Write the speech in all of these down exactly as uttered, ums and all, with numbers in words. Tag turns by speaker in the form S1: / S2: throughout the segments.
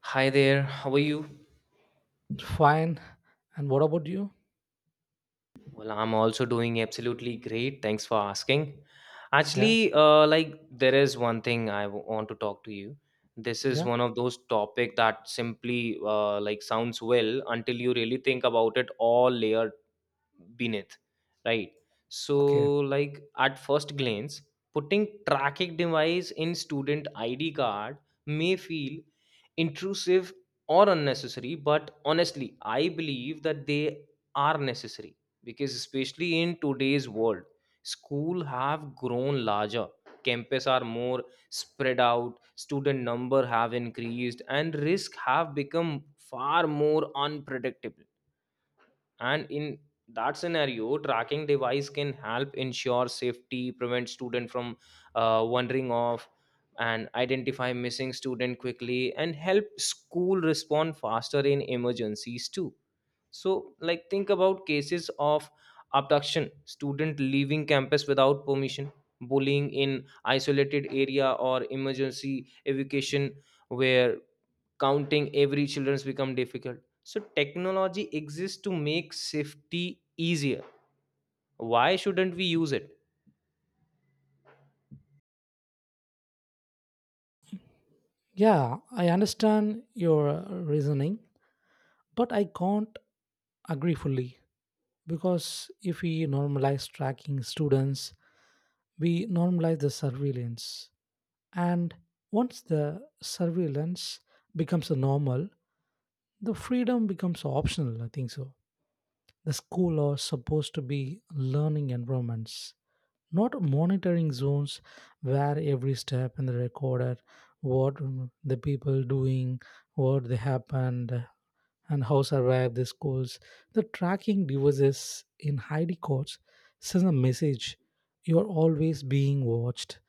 S1: Hi there, how are you?
S2: Fine. And what about you?
S1: Well, I'm also doing absolutely great. Thanks for asking.
S2: Yeah.
S1: Actually, uh, like there is one thing I w- want to talk to you. This is
S2: Yeah.
S1: one of those topic that simply uh, like sounds well until you really think about it all layered beneath, right,
S2: Okay.
S1: so like at first glance, putting tracking device in student id card may feel intrusive or unnecessary, but honestly I believe that they are necessary because especially in today's world school have grown larger, campus are more spread out, student number have increased and risk have become far more unpredictable, and in that scenario tracking device can help ensure safety, prevent student from uh, wandering off and identify missing student quickly and help school respond faster in emergencies too. So like think about cases of abduction, student leaving campus without permission, bullying in isolated area or emergency evacuation, where counting every children's become difficult. So technology exists to make safety easier, why shouldn't we use it?
S2: Yeah, I understand your uh, reasoning, but I can't agree fully because if we normalize tracking students, we normalize the surveillance. And once the surveillance becomes a normal, the freedom becomes optional, I think so. The school are supposed to be learning environments, not monitoring zones where every step in the recorder, what the people doing, what they happened, and how survive the schools. The tracking devices in I D codes sends a message: you are always being watched.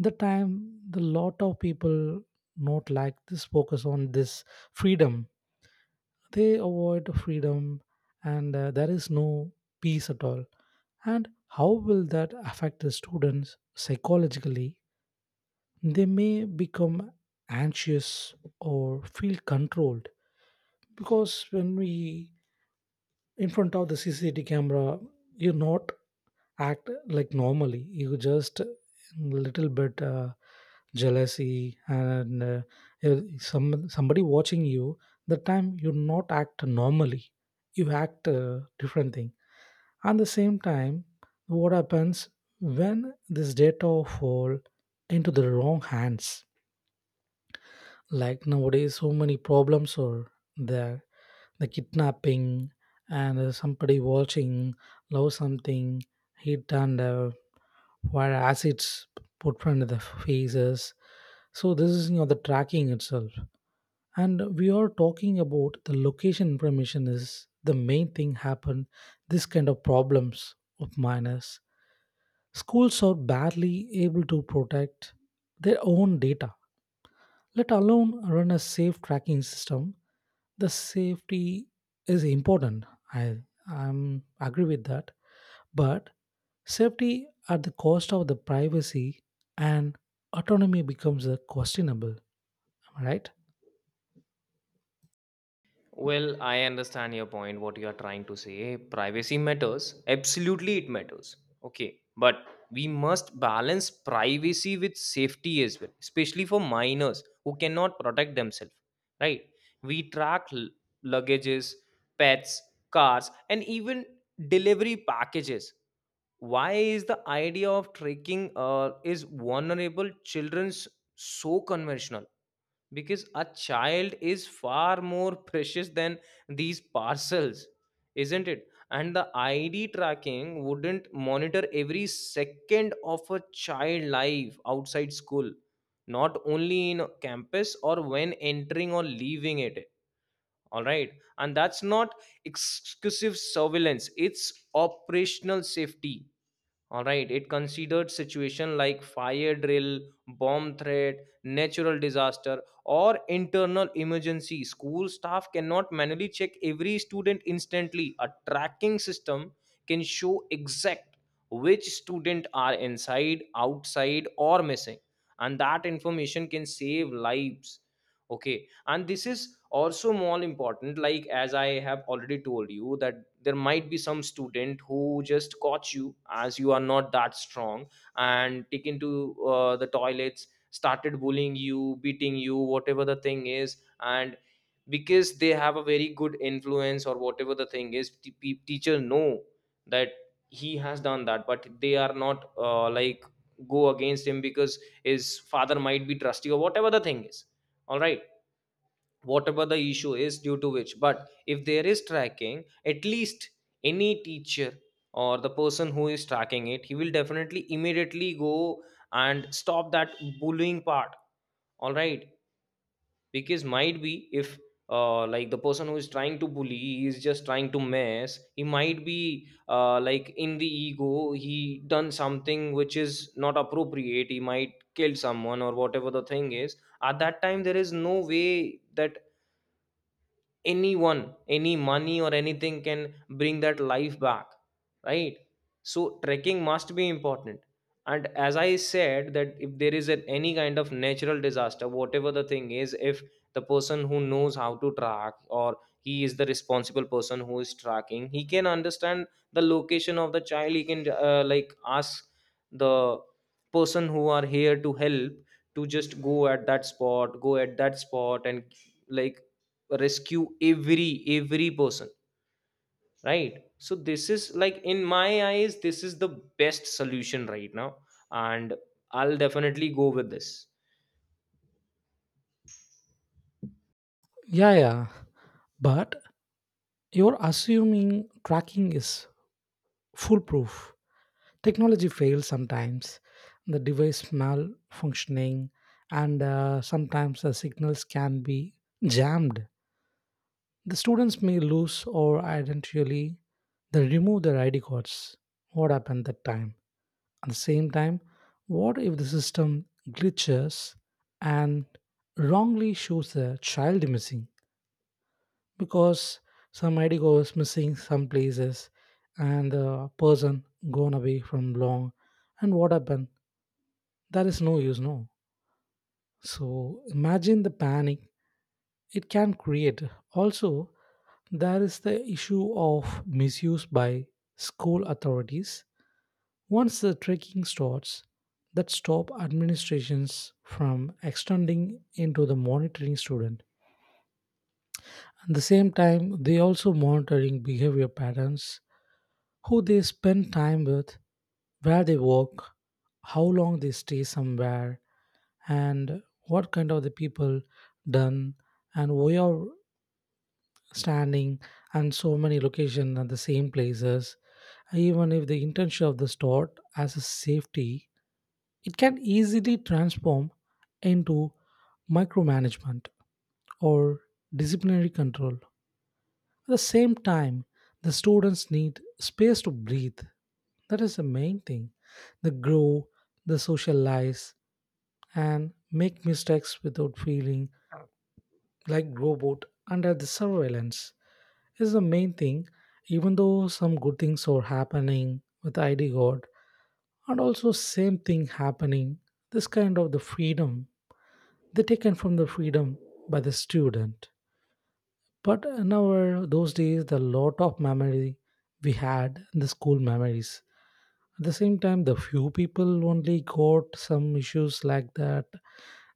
S2: The time the lot of people not like this focus on this freedom they avoid freedom, and uh, there is no peace at all. And how will that affect the students psychologically? They may become anxious or feel controlled because when we in front of the C C T V camera, you not act like normally. You just little bit uh, jealousy, and uh, you- some somebody watching you. The time you not act normally. You act uh, different thing. At the same time, what happens when this data fall into the wrong hands? Like nowadays so many problems are there, the kidnapping, and uh, somebody watching love something hit, and uh, where acids put front of the faces. So this is you know the tracking itself, and we are talking about the location information is the main thing happened this kind of problems of minors. Schools are barely able to protect their own data, let alone run a safe tracking system. The safety is important. I I'm agree with that. But safety at the cost of the privacy and autonomy becomes a questionable. Am I right?
S1: Well, I understand your point, what you are trying to say. Privacy matters. Absolutely, it matters. Okay. But we must balance privacy with safety as well, especially for minors who cannot protect themselves, right? We track l- luggages, pets, cars, and even delivery packages. Why is the idea of tracking uh, is vulnerable children's so conventional? Because a child is far more precious than these parcels, isn't it? And the id tracking wouldn't monitor every second of a child life outside school, not only in campus or when entering or leaving it, all right? And that's not exclusive surveillance, it's operational safety. All right, it considered situation like fire drill, bomb threat, natural disaster, or internal emergency. School staff cannot manually check every student instantly. A tracking system can show exact which student are inside, outside, or missing, and that information can save lives. Okay, and this is also more important, like as I have already told you that there might be some student who just caught you as you are not that strong and taken to uh, the toilets, started bullying you, beating you, whatever the thing is, and because they have a very good influence or whatever the thing is, t- pe- teacher know that he has done that, but they are not uh, like go against him because his father might be trusty or whatever the thing is, all right? Whatever the issue is due to which, but if there is tracking, at least any teacher or the person who is tracking it, he will definitely immediately go and stop that bullying part, all right? Because might be if uh, like the person who is trying to bully, he is just trying to mess, he might be uh, like in the ego he done something which is not appropriate, he might kill someone or whatever the thing is. At that time there is no way that anyone, any money or anything can bring that life back, right? So trekking must be important. And as I said that if there is an, any kind of natural disaster, whatever the thing is, if the person who knows how to track or he is the responsible person who is tracking, he can understand the location of the child, he can uh, like ask the person who are here to help to just go at that spot, go at that spot and like rescue every every person, right? So this is like, in my eyes this is the best solution right now, and I'll definitely go with this.
S2: Yeah, yeah. But you're assuming tracking is foolproof. Technology fails sometimes. The device malfunctioning, and uh, sometimes the signals can be jammed. The students may lose or identity. They remove their I D cards. What happened that time? At the same time, what if the system glitches and wrongly shows the child missing because some I D card is missing some places and the person gone away from long, and what happened? That is no use, no. So imagine the panic it can create. Also, there is the issue of misuse by school authorities. Once the trekking starts, that stop administrations from extending into the monitoring student. At the same time, they also monitoring behavior patterns, who they spend time with, where they work, how long they stay somewhere, and what kind of the people done, and where standing and so many locations at the same places. Even if the intention of the store as a safety, it can easily transform into micromanagement or disciplinary control. At the same time, the students need space to breathe. That is the main thing. They grow, they socialize, and make mistakes without feeling like robot under the surveillance is the main thing. Even though some good things are happening with I D God, and also same thing happening, this kind of the freedom they taken from the freedom by the student. But in our those days, the lot of memory we had in the school memories. At the same time, the few people only got some issues like that,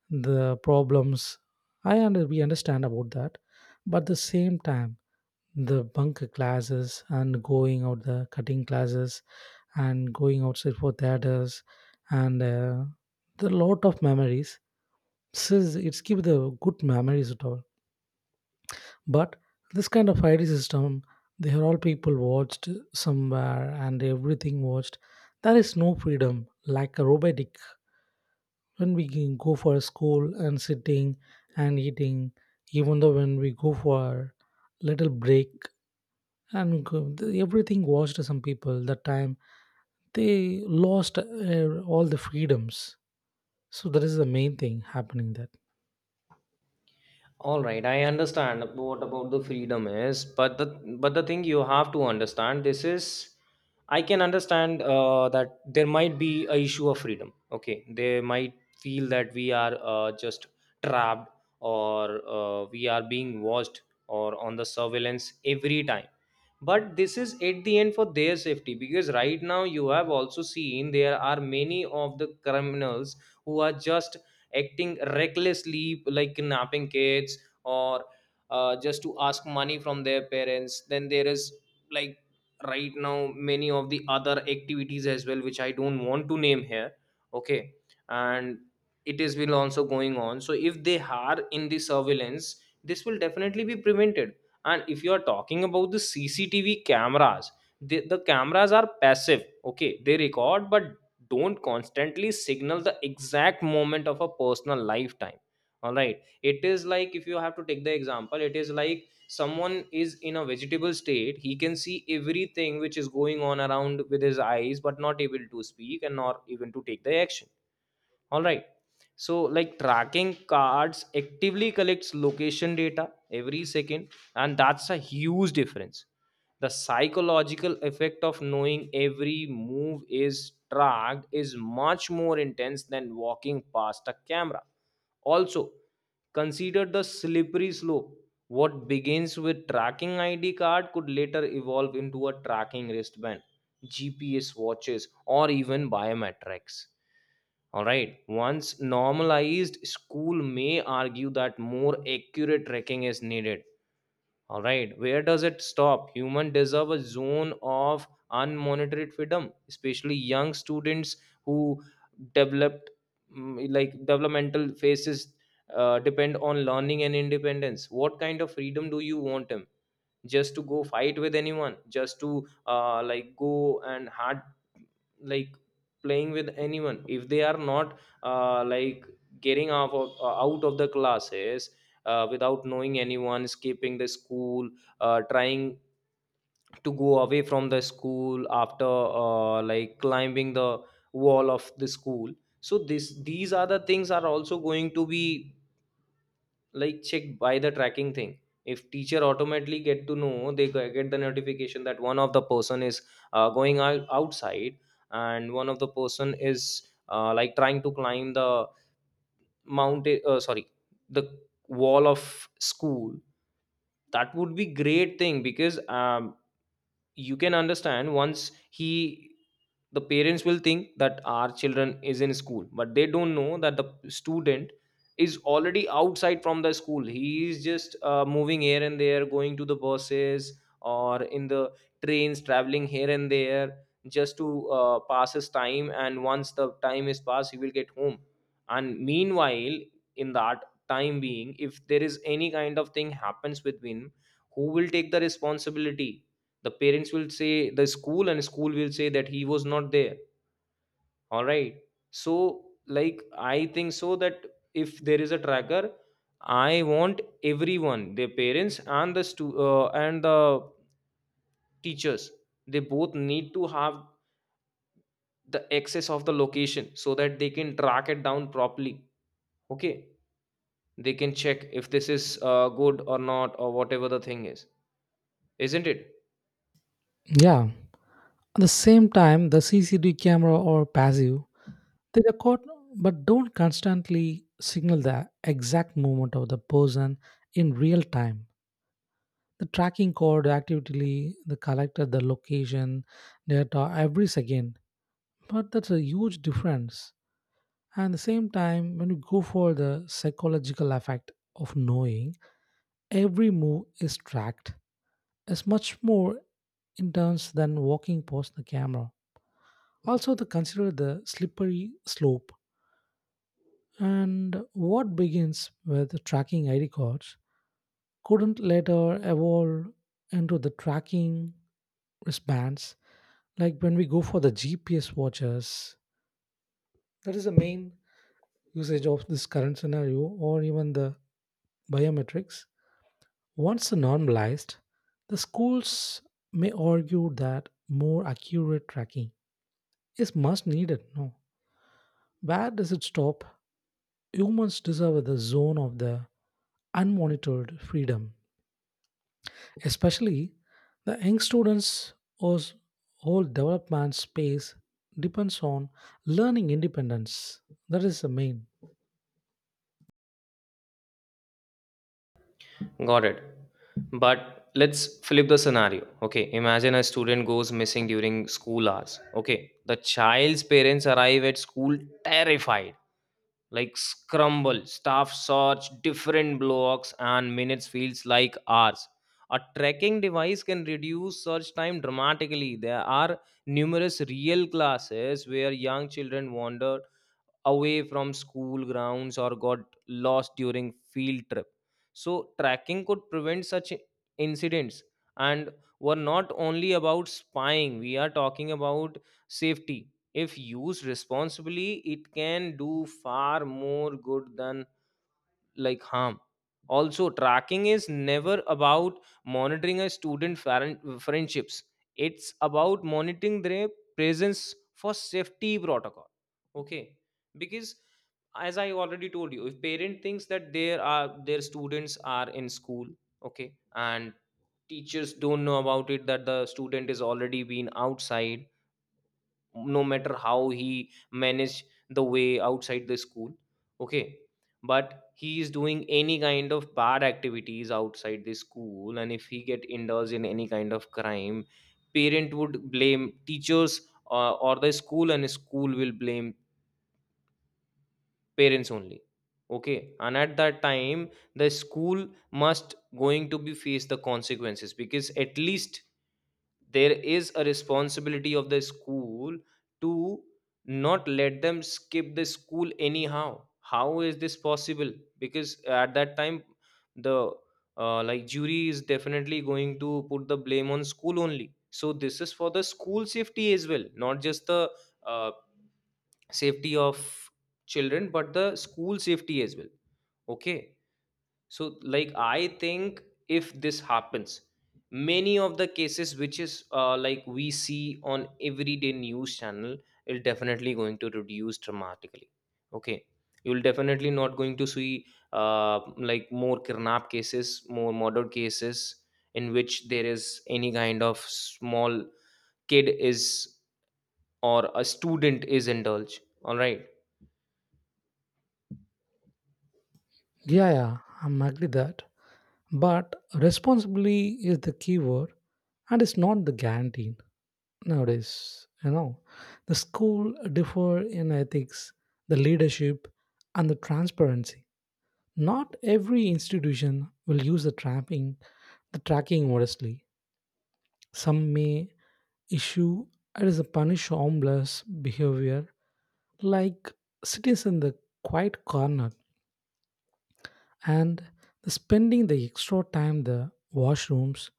S2: the problems. I under, we understand about that, but at the same time the bunk classes and going out the cutting classes and going outside for theaters, and uh, the lot of memories says it's keep the good memories at all. But this kind of I D system, they are all people watched somewhere and everything watched. There is no freedom like a robotic when we can go for school and sitting and eating, even though when we go for little break and go- the- everything washed. Some people that time they lost uh, all the freedoms, so that is the main thing happening that.
S1: All right, I understand what about the freedom is, but the but the thing you have to understand this is, I can understand uh, that there might be a issue of freedom. Okay, they might feel that we are uh, just trapped or uh, we are being watched or on the surveillance every time. But this is at the end for their safety, because right now you have also seen there are many of the criminals who are just acting recklessly like kidnapping kids, or uh, just to ask money from their parents. Then there is like right now many of the other activities as well which I don't want to name here, okay, and it is will also going on. So if they are in the surveillance, this will definitely be prevented. And if you are talking about the cctv cameras, the, the cameras are passive, okay, they record but don't constantly signal the exact moment of a personal lifetime, all right? It is like, if you have to take the example, it is like someone is in a vegetable state, he can see everything which is going on around with his eyes, but not able to speak and not even to take the action, all right? So like tracking cards actively collects location data every second, and that's a huge difference. The psychological effect of knowing every move is tracked is much more intense than walking past a camera. Also, consider the slippery slope. What begins with tracking I D card could later evolve into a tracking wristband, G P S watches, or even biometrics. All right, once normalized, school may argue that more accurate tracking is needed. All right, where does it stop? Human deserve a zone of unmonitored freedom, especially young students who developed mm, like developmental phases uh, depend on learning and independence. What kind of freedom do you want them? Just to go fight with anyone, just to uh, like go and hard, like playing with anyone, if they are not uh, like getting off of, uh, out of the classes, uh, without knowing anyone, escaping the school, uh, trying to go away from the school after uh, like climbing the wall of the school. So this these are the things are also going to be like checked by the tracking thing. If teacher automatically get to know, they g- get the notification that one of the person is uh, going out outside, and one of the person is uh, like trying to climb the mountain, uh, sorry, the wall of school, that would be great thing. Because um, you can understand, once he, the parents will think that our children is in school, but they don't know that the student is already outside from the school, he is just uh, moving here and there, going to the buses or in the trains, traveling here and there, just to uh, pass his time, and once the time is passed he will get home. And meanwhile, in that time being, if there is any kind of thing happens with him, who will take the responsibility? The parents will say the school, and school will say that he was not there, all right? So like I think so that, if there is a tracker, I want everyone, their parents and the stu- uh, and the teachers, they both need to have the access of the location, so that they can track it down properly, okay? They can check if this is uh, good or not, or whatever the thing is, isn't it?
S2: Yeah, at the same time the C C T V camera or passive, they record but don't constantly signal the exact movement of the person in real time. The tracking code actively the collected the location data every second, but that's a huge difference. And the same time, when you go for the psychological effect of knowing every move is tracked, is much more intense than walking past the camera. Also, to consider the slippery slope, and what begins with tracking I D cards couldn't later evolve into the tracking wristbands, like when we go for the G P S watches. That is the main usage of this current scenario, or even the biometrics. Once normalized, the schools may argue that more accurate tracking is much needed. No, where does it stop? Humans deserve the zone of the unmonitored freedom, especially the young students whose whole development space depends on learning independence. That is the main.
S1: Got it. But let's flip the scenario. Okay, imagine a student goes missing during school hours. Okay, the child's parents arrive at school terrified, like scramble, staff search, different blocks, and minutes feels like hours. A tracking device can reduce search time dramatically. There are numerous real classes where young children wander away from school grounds or got lost during field trip, so tracking could prevent such incidents. And we're not only about spying, we are talking about safety. If used responsibly, it can do far more good than like harm. Also, tracking is never about monitoring a student faren- friendships, it's about monitoring their presence for safety protocol, okay? Because as I already told you, if parent thinks that there are their students are in school, okay, and teachers don't know about it, that the student is already been outside, no matter how he manage the way outside the school, okay, but he is doing any kind of bad activities outside the school, and if he get indulged in any kind of crime, parent would blame teachers uh, or the school, and school will blame parents only, okay? And at that time the school must going to be face the consequences, because at least there is a responsibility of the school to not let them skip the school anyhow, how is this possible? Because at that time the uh, like jury is definitely going to put the blame on school only, so this is for the school safety as well, not just the uh, safety of children but the school safety as well, okay? So like I think, if this happens, many of the cases which is uh, like we see on everyday news channel is definitely going to reduce dramatically, okay? You'll definitely not going to see uh, like more kidnap cases, more murder cases, in which there is any kind of small kid is or a student is indulged, all right.
S2: Yeah, yeah, I'm agree that. But responsibility is the key word and it's not the guarantee. Nowadays you know the school differ in ethics, the leadership and the transparency. Not every institution will use the trapping the tracking modestly. Some may issue it is a punish harmless behavior, like sitting in the quiet corner and the spending the extra time the washrooms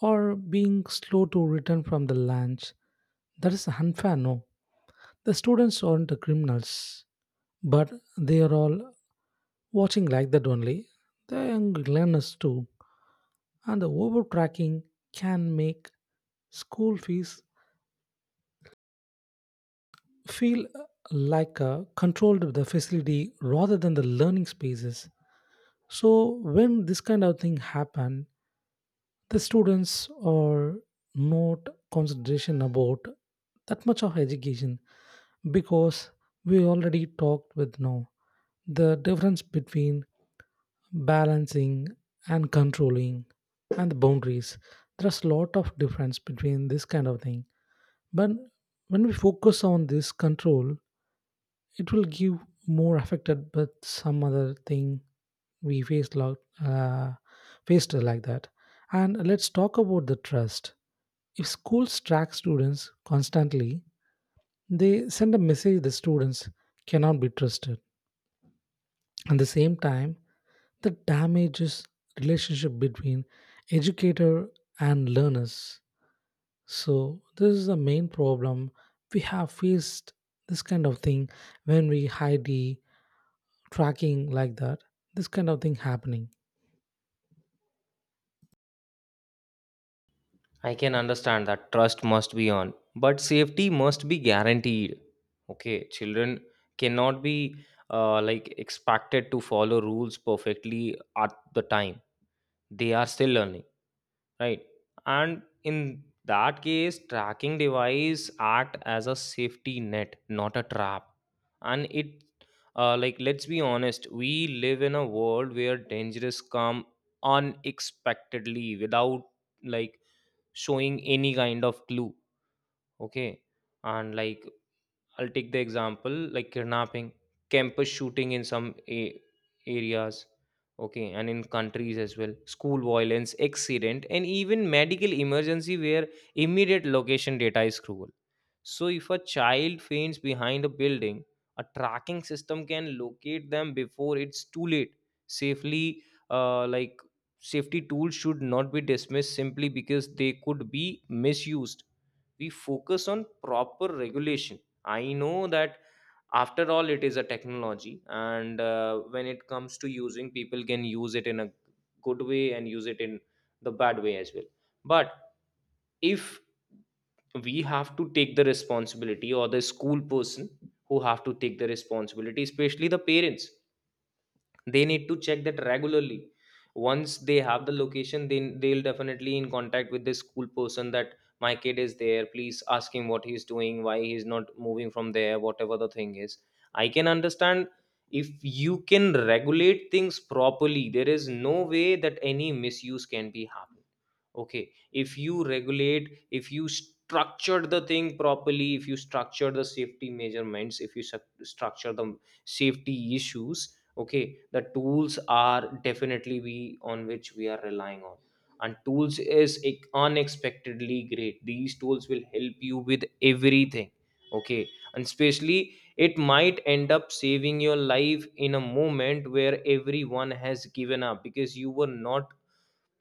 S2: or being slow to return from the lunch. That is unfair, no. The students aren't the criminals, but they are all watching like that only. The young learners too, and the overtracking can make school fees feel like a controlled the facility rather than the learning spaces. So when this kind of thing happen, the students are not consideration about that much of education because we already talked with now the difference between balancing and controlling and the boundaries. There's a lot of difference between this kind of thing, but when we focus on this control it will give more affected but some other thing we faced lot, uh, faced like that. And let's talk about the trust. If schools track students constantly, they send a message the students cannot be trusted. At the same time, the damages relationship between educator and learners, so this is the main problem we have faced this kind of thing. When we hide the tracking like that, this kind of thing happening.
S1: I can understand that trust must be on, but safety must be guaranteed. Okay, children cannot be uh, like expected to follow rules perfectly at the time. They are still learning, right? And in that case, tracking device act as a safety net, not a trap. And it, uh, like, let's be honest, we live in a world where dangers come unexpectedly without like showing any kind of clue. Okay. And like I'll take the example like kidnapping, campus shooting in some a- areas, okay, and in countries as well, school violence, accident, and even medical emergency where immediate location data is cruel. So, if a child faints behind a building, a tracking system can locate them before it's too late. Safely, uh, like safety tools should not be dismissed simply because they could be misused. We focus on proper regulation. I know that after all, it is a technology, and uh, when it comes to using, people can use it in a good way and use it in the bad way as well. But if we have to take the responsibility, or the school person who have to take the responsibility, especially the parents, they need to check that regularly. Once they have the location, then they'll definitely in contact with the school person that my kid is there, please ask him what he's doing, why he's not moving from there, whatever the thing is. I can understand, if you can regulate things properly, there is no way that any misuse can be happened. Okay, if you regulate, if you structured the thing properly, if you structure the safety measurements, if you suc- structure the safety issues, okay, the tools are definitely we on which we are relying on. And tools is ec- unexpectedly great, these tools will help you with everything. Okay. And especially, it might end up saving your life in a moment where everyone has given up because you were not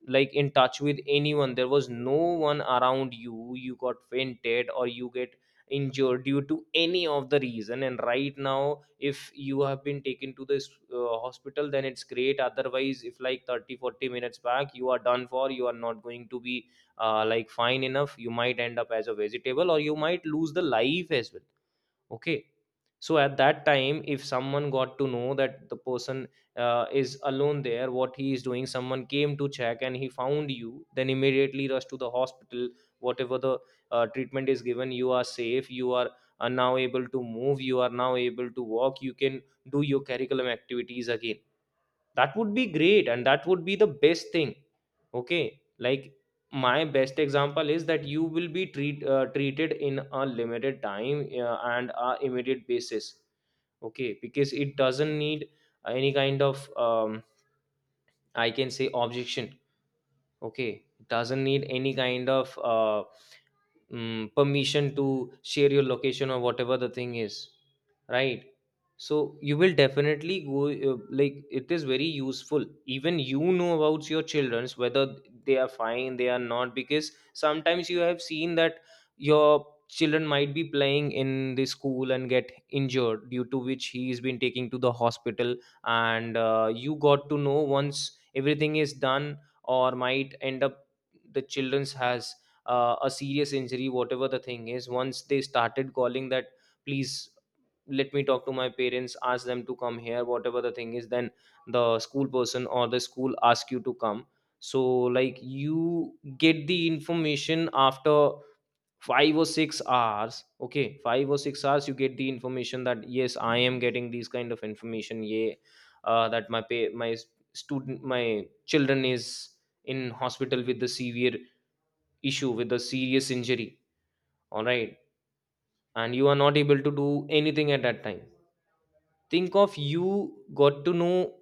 S1: like in touch with anyone, there was no one around you, you got fainted or you get injured due to any of the reason. And right now, if you have been taken to this uh, hospital, then it's great. Otherwise, if like thirty forty minutes back, you are done for, you are not going to be uh, like fine enough, you might end up as a vegetable or you might lose the life as well. Okay. So at that time, if someone got to know that the person uh, is alone there, what he is doing, someone came to check and he found you, then immediately rush to the hospital, whatever the uh, treatment is given, you are safe, you are uh, now able to move, you are now able to walk, you can do your curriculum activities again, that would be great, and that would be the best thing. Okay. Like, my best example is that you will be treat, uh, treated in a limited time, uh, and a immediate basis. Okay, because it doesn't need any kind of um, I can say objection. Okay, it doesn't need any kind of uh, mm, permission to share your location or whatever the thing is, right? So you will definitely go, uh, like it is very useful, even you know about your children's whether they are fine they are not. Because sometimes you have seen that your children might be playing in the school and get injured, due to which he has been taken to the hospital, and uh, you got to know once everything is done. Or might end up, the children's has uh, a serious injury, whatever the thing is. Once they started calling that, please let me talk to my parents, ask them to come here, whatever the thing is, then the school person or the school ask you to come. So, like, you get the information after five or six hours. Okay, five or six hours, you get the information that yes, I am getting these kind of information. Yeah, uh, that my pay, my student, my children is in hospital with the severe issue, with a serious injury, all right? And you are not able to do anything at that time. Think of you got to know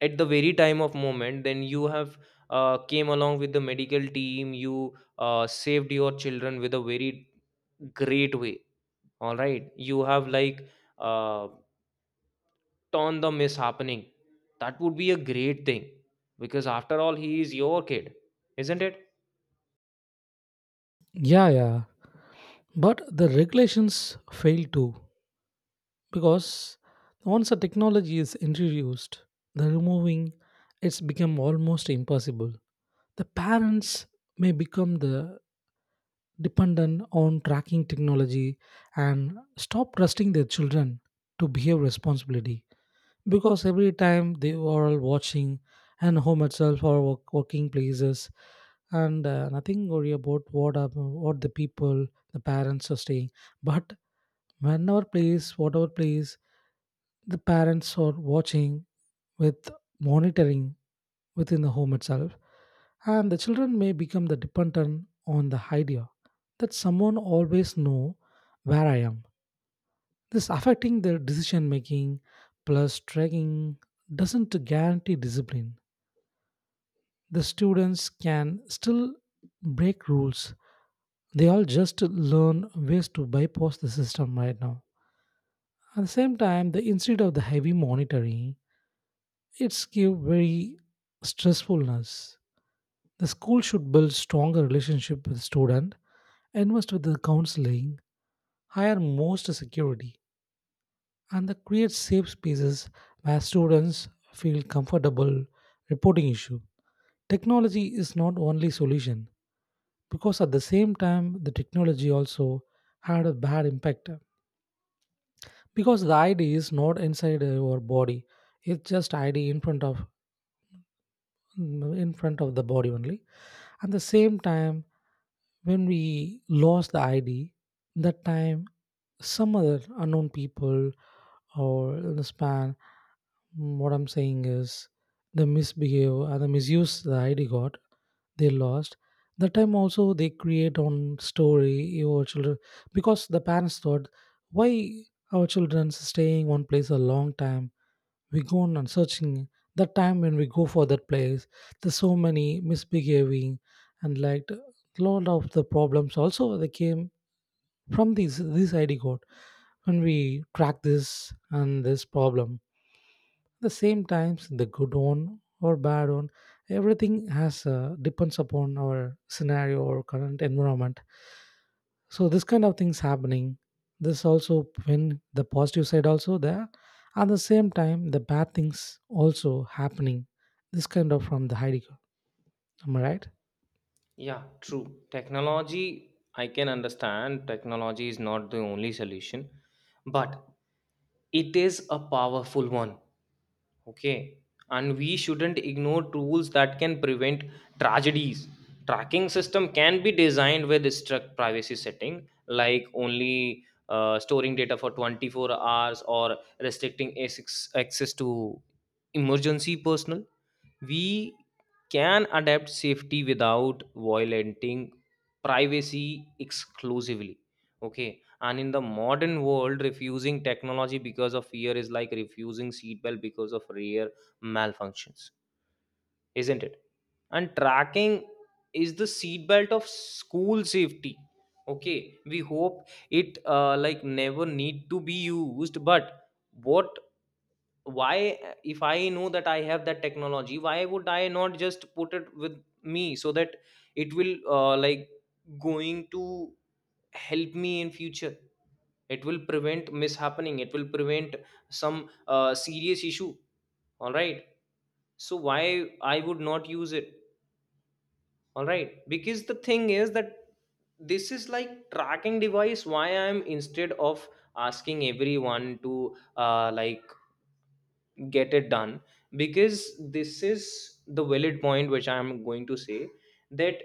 S1: at the very time of moment, then you have uh, came along with the medical team, you uh, saved your children with a very great way, all right? You have like uh, torn the miss happening, that would be a great thing, because after all he is your kid, isn't it?
S2: Yeah, yeah. But the regulations fail too because once a technology is introduced, the removing it's become almost impossible. The parents may become the dependent on tracking technology and stop trusting their children to behave responsibly. Because every time they were all watching and home itself or work, working places, and uh, nothing worry about what are, what the people the parents are staying. But whenever place whatever place the parents are watching with monitoring within the home itself, and the children may become the dependent on the idea that someone always know where I am. This affecting their decision making. Plus tracking doesn't guarantee discipline. The students can still break rules. They all just learn ways to bypass the system right now. At the same time, the instead of the heavy monitoring, it's give very stressfulness. The school should build stronger relationship with student, invest with the counseling, hire most security, and that creates safe spaces where students feel comfortable reporting issue. Technology is not only solution because at the same time the technology also had a bad impact because the I D is not inside your body, it's just I D in front of in front of the body only. At the same time when we lost the I D that time some other unknown people or the span. Mm, what I'm saying is the misbehave and the misuse the id got, they lost, that time also they create on story your children because the parents thought why our children staying one place a long time, we go on and searching. That time when we go for that place there's so many misbehaving, and like lot of the problems also they came from this this I D code. When we track this and this problem the same times, the good one or bad one, everything has uh, depends upon our scenario or current environment. So this kind of things happening, this also when the positive side also there, at the same time the bad things also happening, this kind of from the I D code. Am I right?
S1: Yeah, true. Technology, I can understand technology is not the only solution, but it is a powerful one. Okay. And we shouldn't ignore tools that can prevent tragedies. Tracking system can be designed with strict privacy setting, like only uh, storing data for twenty-four hours, or restricting access access to emergency personnel. We can adapt safety without violating privacy exclusively. Okay. And in the modern world, refusing technology because of fear is like refusing seatbelt because of rare malfunctions, isn't it? And tracking is the seatbelt of school safety. Okay. We hope it uh, like never need to be used, but what, why, uh, if I know that I have that technology, why would I not just put it with me, so that it will uh, like going to help me in future, it will prevent mishappening, it will prevent some uh, serious issue, all right? So why I would not use it? All right, because the thing is that, this is like tracking device, why I'm instead of asking everyone to uh, like get it done, because this is the valid point which I am going to say, that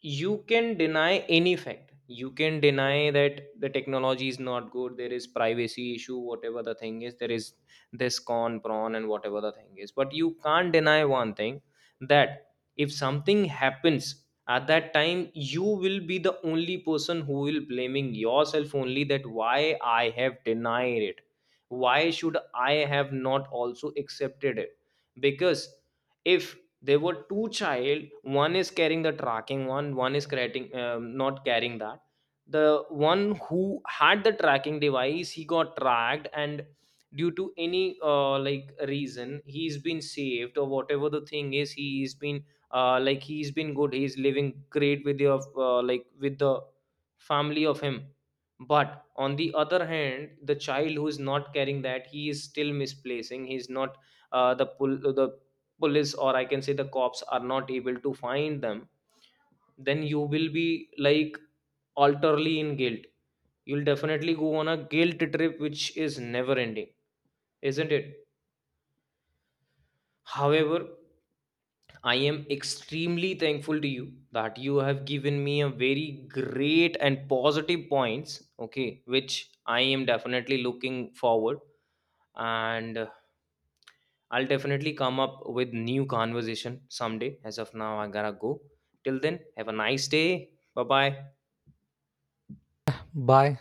S1: you can deny any fact, you can deny that the technology is not good, there is privacy issue, whatever the thing is, there is this con prawn and whatever the thing is, but you can't deny one thing, that if something happens at that time, you will be the only person who will blaming yourself only, that why I have denied it, why should I have not also accepted it. Because if there were two child, one is carrying the tracking one, one is carrying um, not carrying that, the one who had the tracking device, he got tracked and due to any uh, like reason he's been saved or whatever the thing is, he's been uh, like he's been good, he's living great with your uh, like with the family of him. But on the other hand, the child who is not carrying that, he is still misplacing, he's not uh, the pull the police or I can say the cops are not able to find them, then you will be like alterly in guilt, you'll definitely go on a guilt trip which is never ending, isn't it? However, I am extremely thankful to you that you have given me a very great and positive points. Okay, which I am definitely looking forward. And I'll definitely come up with new conversation someday. As of now, I gotta go. Till then, have a nice day. Bye bye.
S2: Bye.